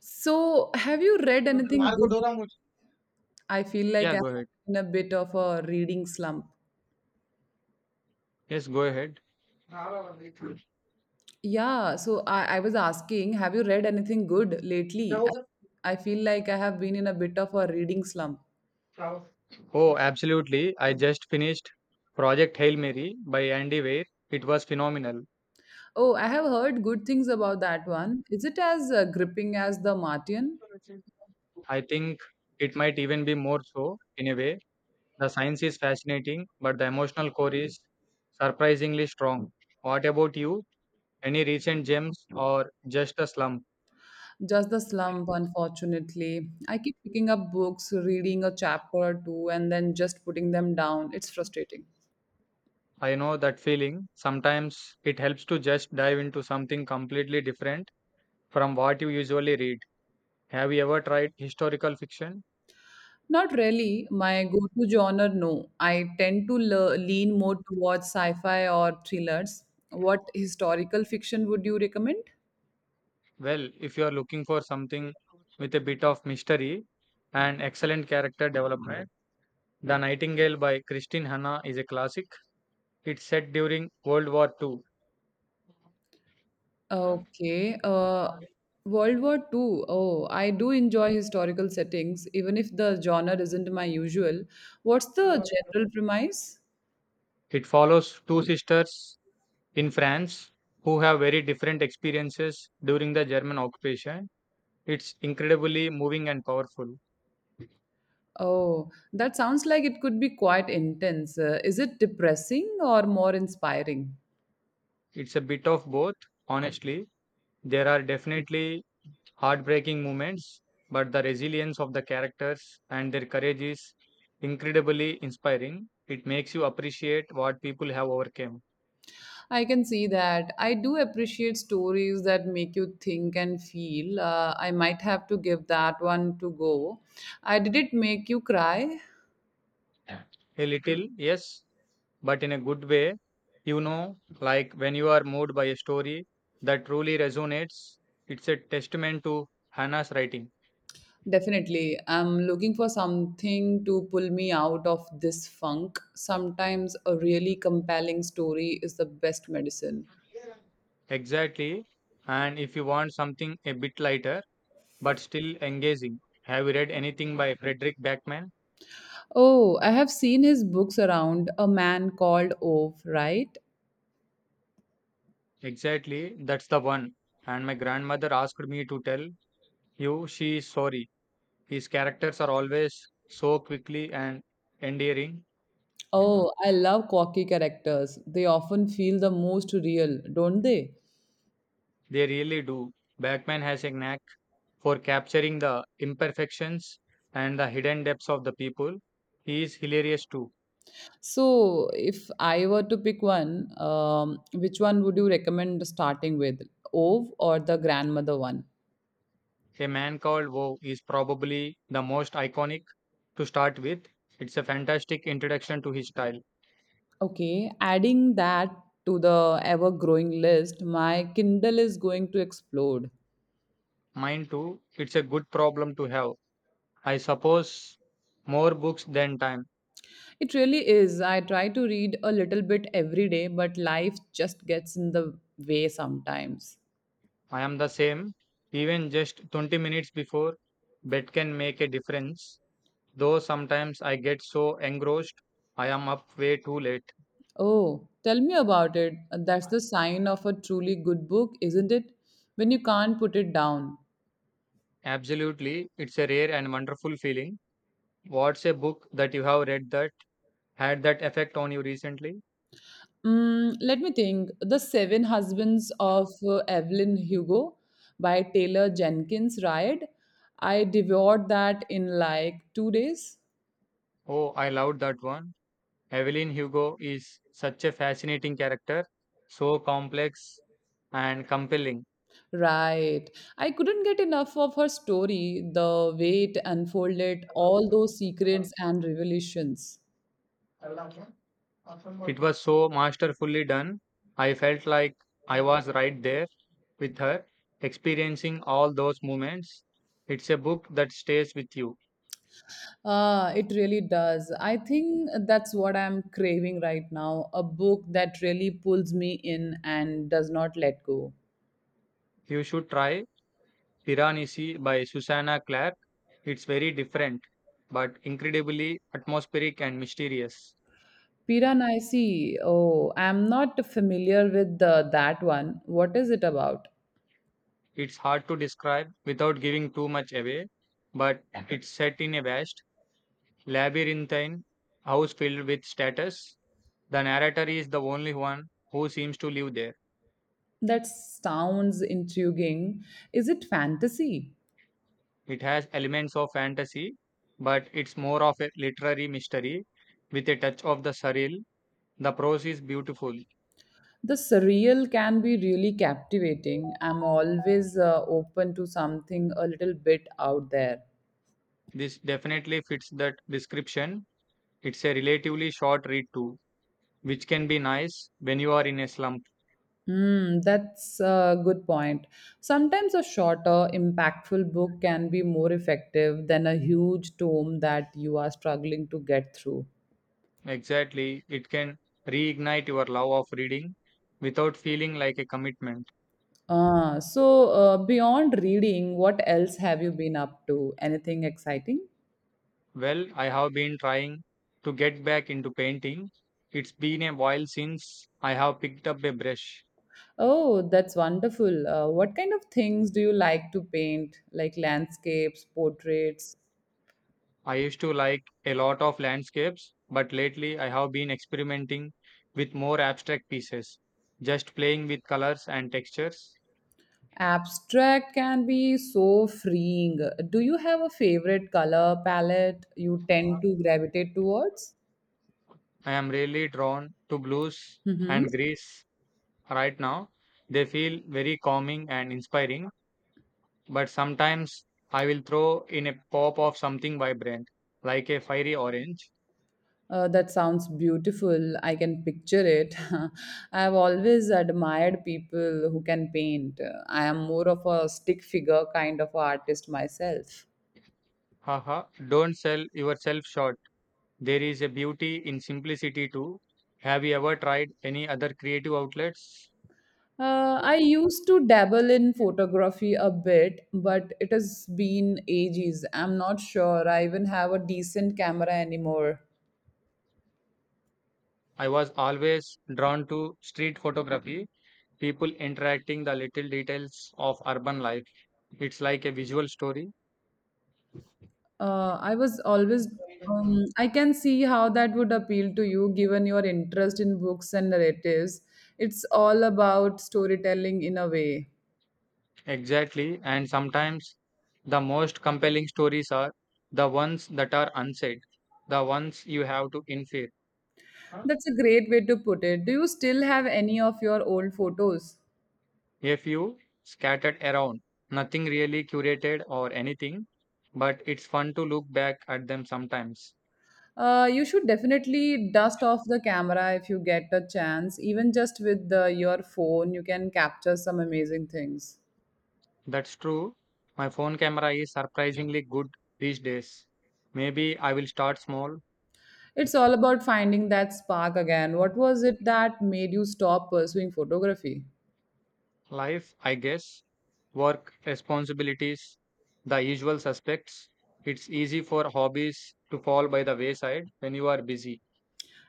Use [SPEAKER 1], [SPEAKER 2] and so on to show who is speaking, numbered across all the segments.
[SPEAKER 1] So, have you read
[SPEAKER 2] So the
[SPEAKER 1] anything
[SPEAKER 2] Marco
[SPEAKER 1] good?
[SPEAKER 2] Dora movie.
[SPEAKER 1] I feel like
[SPEAKER 2] Yeah,
[SPEAKER 1] I'm
[SPEAKER 2] go ahead.
[SPEAKER 1] in a bit of a reading slump.
[SPEAKER 2] Yes, go ahead.
[SPEAKER 1] Yeah, so I was asking, have you read anything good lately? I feel like I have been in a bit of a reading slump.
[SPEAKER 2] Oh, absolutely. I just finished Project Hail Mary by Andy Weir. It was phenomenal.
[SPEAKER 1] Oh, I have heard good things about that one. Is it as gripping as The Martian?
[SPEAKER 2] I think it might even be more so in a way. The science is fascinating, but the emotional core is surprisingly strong. What about you? Any recent gems or just a slump?
[SPEAKER 1] Just the slump, unfortunately. I keep picking up books, reading a chapter or two, and then just putting them down. It's frustrating.
[SPEAKER 2] I know that feeling. Sometimes it helps to just dive into something completely different from what you usually read. Have you ever tried historical fiction?
[SPEAKER 1] Not really. My go-to genre, no. I tend to lean more towards sci-fi or thrillers. What historical fiction would you recommend?
[SPEAKER 2] Well, if you are looking for something with a bit of mystery and excellent character development, The Nightingale by Christine Hanna is a classic. It's set during World War II.
[SPEAKER 1] Okay. World War II. Oh, I do enjoy historical settings, even if the genre isn't my usual. What's the general premise?
[SPEAKER 2] It follows two sisters in France who have very different experiences during the German occupation. It's incredibly moving and powerful.
[SPEAKER 1] Oh, that sounds like it could be quite intense. Is it depressing or more inspiring?
[SPEAKER 2] It's a bit of both, honestly. There are definitely heartbreaking moments, but the resilience of the characters and their courage is incredibly inspiring. It makes you appreciate what people have overcome.
[SPEAKER 1] I can see that. I do appreciate stories that make you think and feel. I might have to give that one to go. I did it make you cry?
[SPEAKER 2] A little, yes, but in a good way. You know, like when you are moved by a story that truly resonates, it's a testament to Hannah's writing.
[SPEAKER 1] Definitely. I'm looking for something to pull me out of this funk. Sometimes a really compelling story is the best medicine.
[SPEAKER 2] Exactly. And if you want something a bit lighter but still engaging, have you read anything by Frederick Backman?
[SPEAKER 1] Oh, I have seen his books around A Man Called Ove, right?
[SPEAKER 2] Exactly, that's the one. And my grandmother asked me to tell you she is sorry. His characters are always so quickly and endearing.
[SPEAKER 1] Oh, I love quirky characters. They often feel the most real, don't they?
[SPEAKER 2] They really do. Batman has a knack for capturing the imperfections and the hidden depths of the people. He is hilarious too.
[SPEAKER 1] So, if I were to pick one, which one would you recommend starting with, Ove or the grandmother one?
[SPEAKER 2] A man called Woe is probably the most iconic to start with. It's a fantastic introduction to his style.
[SPEAKER 1] Okay, adding that to the ever growing list, my Kindle is going to explode.
[SPEAKER 2] Mine too. It's a good problem to have. I suppose more books than time.
[SPEAKER 1] It really is. I try to read a little bit every day, but life just gets in the way sometimes.
[SPEAKER 2] I am the same. Even just 20 minutes before bed can make a difference. Though sometimes I get so engrossed, I am up way too late.
[SPEAKER 1] Oh, tell me about it. That's the sign of a truly good book, isn't it? When you can't put it down.
[SPEAKER 2] Absolutely, it's a rare and wonderful feeling. What's a book that you have read that had that effect on you recently?
[SPEAKER 1] Mm, let me think. The Seven Husbands of Evelyn Hugo by Taylor Jenkins Reid. I devoured that in like 2 days.
[SPEAKER 2] Oh, I loved that one. Evelyn Hugo is such a fascinating character, so complex and compelling.
[SPEAKER 1] Right. I couldn't get enough of her story, the way it unfolded, all those secrets and revelations.
[SPEAKER 2] It was so masterfully done. I felt like I was right there with her, experiencing all those moments. It's a book that stays with you.
[SPEAKER 1] Ah, it really does. I think that's what I'm craving right now a book that really pulls me in and does not let go.
[SPEAKER 2] You should try Piranesi by Susanna Clark. It's very different, but incredibly atmospheric and mysterious.
[SPEAKER 1] Piranesi. Oh, I'm not familiar with that one. What is it about?
[SPEAKER 2] It's hard to describe without giving too much away, but it's set in a vast, labyrinthine house filled with status. The narrator is the only one who seems to live there.
[SPEAKER 1] That sounds intriguing. Is it fantasy?
[SPEAKER 2] It has elements of fantasy, but it's more of a literary mystery with a touch of the surreal. The prose is beautiful.
[SPEAKER 1] The surreal can be really captivating. I'm always open to something a little bit out there.
[SPEAKER 2] This definitely fits that description. It's a relatively short read too, which can be nice when you are in a slump.
[SPEAKER 1] Hmm, that's a good point. Sometimes a shorter, impactful book can be more effective than a huge tome that you are struggling to get through.
[SPEAKER 2] Exactly, it can reignite your love of reading without feeling like a commitment.
[SPEAKER 1] So, beyond reading, what else have you been up to? Anything exciting?
[SPEAKER 2] Well, I have been trying to get back into painting. It's been a while since I have picked up a brush.
[SPEAKER 1] Oh, that's wonderful. What kind of things do you like to paint? Like landscapes, portraits?
[SPEAKER 2] I used to like a lot of landscapes, but lately I have been experimenting with more abstract pieces, just playing with colors and textures.
[SPEAKER 1] Abstract can be so freeing. Do you have a favorite color palette you tend to gravitate towards?
[SPEAKER 2] I am really drawn to blues
[SPEAKER 1] Mm-hmm.
[SPEAKER 2] and greens right now. They feel very calming and inspiring, but sometimes I will throw in a pop of something vibrant, like a fiery orange.
[SPEAKER 1] That sounds beautiful. I can picture it. I've always admired people who can paint. I am more of a stick figure kind of artist myself.
[SPEAKER 2] Haha, don't sell yourself short. There is a beauty in simplicity too. Have you ever tried any other creative outlets?
[SPEAKER 1] I used to dabble in photography a bit, but it has been ages. I'm not sure I even have a decent camera anymore.
[SPEAKER 2] I was always drawn to street photography, people interacting the little details of urban life. It's like a visual story.
[SPEAKER 1] Uh, I was always, I can see how that would appeal to you given your interest in books and narratives. It's all about storytelling in a way.
[SPEAKER 2] Exactly. And sometimes the most compelling stories are the ones that are unsaid, the ones you have to infer.
[SPEAKER 1] That's a great way to put it. Do you still have any of your old photos?
[SPEAKER 2] A few scattered around, nothing really curated or anything, but it's fun to look back at them sometimes.
[SPEAKER 1] You should definitely dust off the camera if you get a chance. Even just with your phone, you can capture some amazing things.
[SPEAKER 2] That's true. My phone camera is surprisingly good these days. Maybe I will start small.
[SPEAKER 1] It's all about finding that spark again. What was it that made you stop pursuing photography?
[SPEAKER 2] Life, I guess. Work, responsibilities, the usual suspects. It's easy for hobbies to fall by the wayside when you are busy.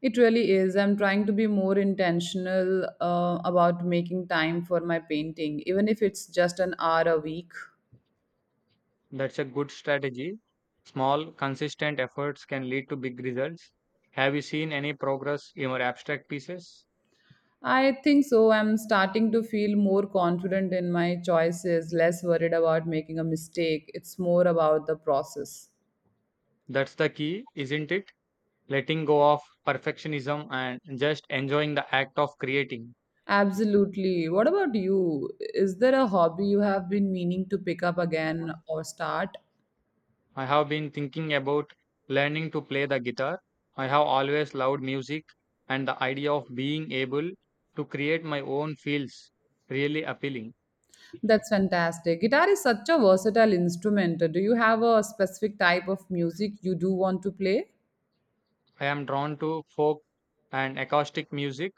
[SPEAKER 1] It really is. I'm trying to be more intentional about making time for my painting, even if it's just an hour a week.
[SPEAKER 2] That's a good strategy. Small, consistent efforts can lead to big results. Have you seen any progress in your abstract pieces?
[SPEAKER 1] I think so. I'm starting to feel more confident in my choices, less worried about making a mistake. It's more about the process.
[SPEAKER 2] That's the key, isn't it? Letting go of perfectionism and just enjoying the act of creating.
[SPEAKER 1] Absolutely. What about you? Is there a hobby you have been meaning to pick up again or start?
[SPEAKER 2] I have been thinking about learning to play the guitar. I have always loved music, and the idea of being able to create my own feels really appealing.
[SPEAKER 1] That's fantastic. Guitar is such a versatile instrument. Do you have a specific type of music you do want to play?
[SPEAKER 2] I am drawn to folk and acoustic music.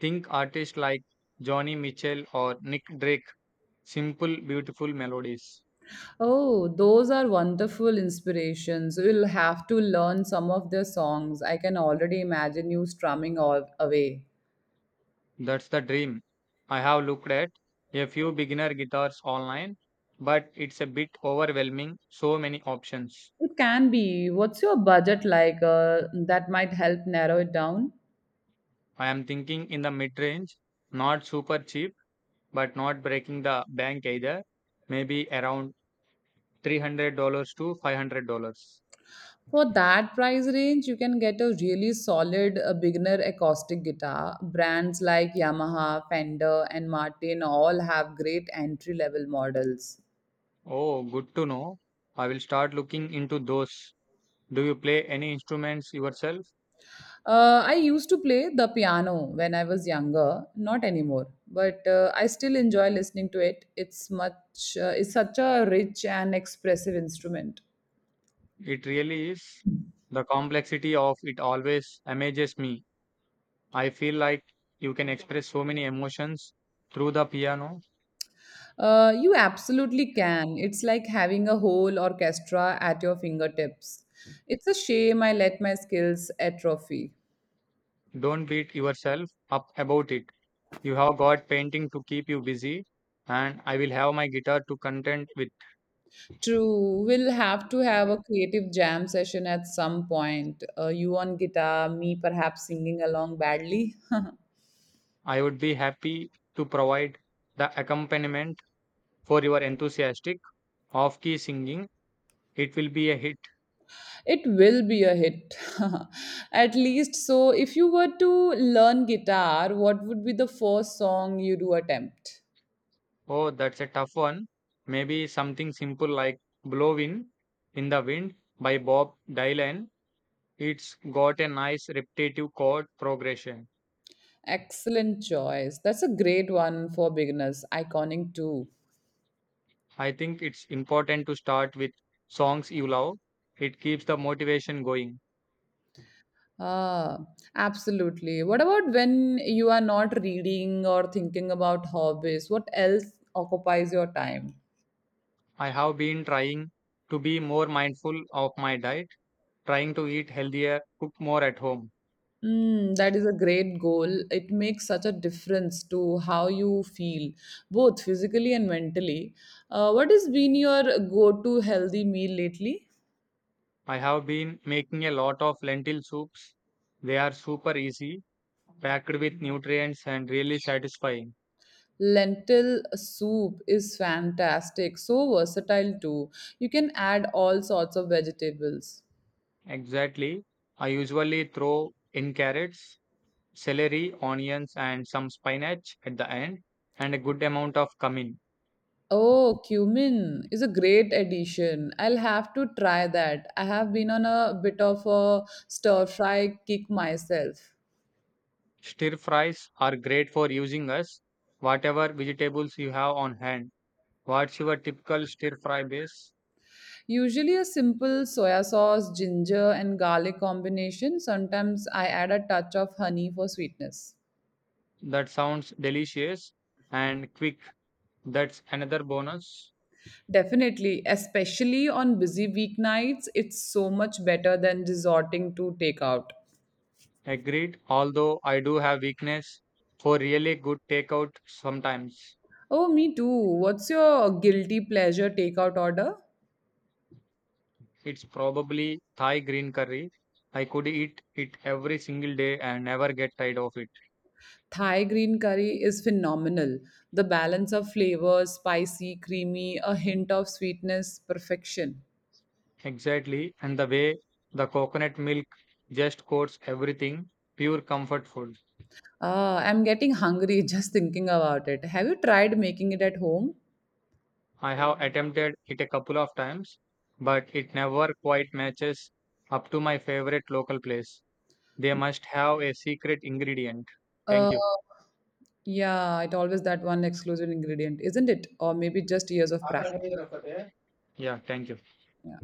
[SPEAKER 2] Think artists like Johnny Mitchell or Nick Drake, simple, beautiful melodies.
[SPEAKER 1] Oh, those are wonderful inspirations. You'll have to learn some of their songs. I can already imagine you strumming all away.
[SPEAKER 2] That's the dream. I have looked at a few beginner guitars online, but it's a bit overwhelming, so many options.
[SPEAKER 1] It can be. What's your budget like? That might help narrow it down.
[SPEAKER 2] I am thinking in the mid range, not super cheap, but not breaking the bank either. Maybe around $300 to $500.
[SPEAKER 1] For that price range, you can get a really solid beginner acoustic guitar. Brands like Yamaha, Fender, and Martin all have great entry level models.
[SPEAKER 2] Oh, good to know. I will start looking into those. Do you play any instruments yourself?
[SPEAKER 1] I used to play the piano when I was younger, not anymore, but I still enjoy listening to it. It's such a rich and expressive instrument.
[SPEAKER 2] It really is. The complexity of it always amazes me. I feel like you can express so many emotions through the piano.
[SPEAKER 1] You absolutely can. It's like having a whole orchestra at your fingertips. It's a shame I let my skills atrophy.
[SPEAKER 2] Don't beat yourself up about it. You have got painting to keep you busy, and I will have my guitar to content with.
[SPEAKER 1] True, we'll have to have a creative jam session at some point. You on guitar, me perhaps singing along badly.
[SPEAKER 2] I would be happy to provide the accompaniment for your enthusiastic off key singing. It will be a hit.
[SPEAKER 1] It will be a hit. At least so if you were to learn guitar, what would be the first song you do attempt?
[SPEAKER 2] Oh, that's a tough one. Maybe something simple like "Blowin' in the Wind" by Bob Dylan. It's got a nice repetitive chord progression.
[SPEAKER 1] Excellent choice. That's a great one for beginners. Iconic too.
[SPEAKER 2] I think it's important to start with songs you love. It keeps the motivation going.
[SPEAKER 1] Ah, absolutely. What about when you are not reading or thinking about hobbies? What else occupies your time?
[SPEAKER 2] I have been trying to be more mindful of my diet, trying to eat healthier, cook more at home.
[SPEAKER 1] Mm, that is a great goal. It makes such a difference to how you feel, both physically and mentally. What has been your go to healthy meal lately?
[SPEAKER 2] I have been making a lot of lentil soups. They are super easy, packed with nutrients, and really satisfying.
[SPEAKER 1] Lentil soup is fantastic, so versatile too. You can add all sorts of vegetables.
[SPEAKER 2] Exactly. I usually throw in carrots, celery, onions, and some spinach at the end, and a good amount of cumin.
[SPEAKER 1] Oh, cumin is a great addition. I'll have to try that. I have been on a bit of a stir fry kick myself.
[SPEAKER 2] Stir fries are great for using us, whatever vegetables you have on hand. What's your typical stir fry base?
[SPEAKER 1] Usually a simple soya sauce, ginger, and garlic combination. Sometimes I add a touch of honey for sweetness.
[SPEAKER 2] That sounds delicious and quick. That's another bonus.
[SPEAKER 1] Definitely, especially on busy weeknights, it's so much better than resorting to takeout.
[SPEAKER 2] Agreed. Although I do have weakness for really good takeout sometimes.
[SPEAKER 1] Oh, me too. What's your guilty pleasure takeout order?
[SPEAKER 2] It's probably Thai green curry. I could eat it every single day and never get tired of it.
[SPEAKER 1] Thai green curry is phenomenal. The balance of flavors, spicy, creamy, a hint of sweetness, perfection.
[SPEAKER 2] Exactly. And the way the coconut milk just coats everything, pure comfort food.
[SPEAKER 1] Ah, I'm getting hungry just thinking about it. Have you tried making it at home?
[SPEAKER 2] I have attempted it a couple of times, but it never quite matches up to my favorite local place. They must have a secret ingredient.
[SPEAKER 1] Uh,
[SPEAKER 2] Thank you.
[SPEAKER 1] yeah, it always that one exclusive ingredient, isn't it? Or maybe just years of practice.
[SPEAKER 2] Yeah, thank you.
[SPEAKER 1] Yeah.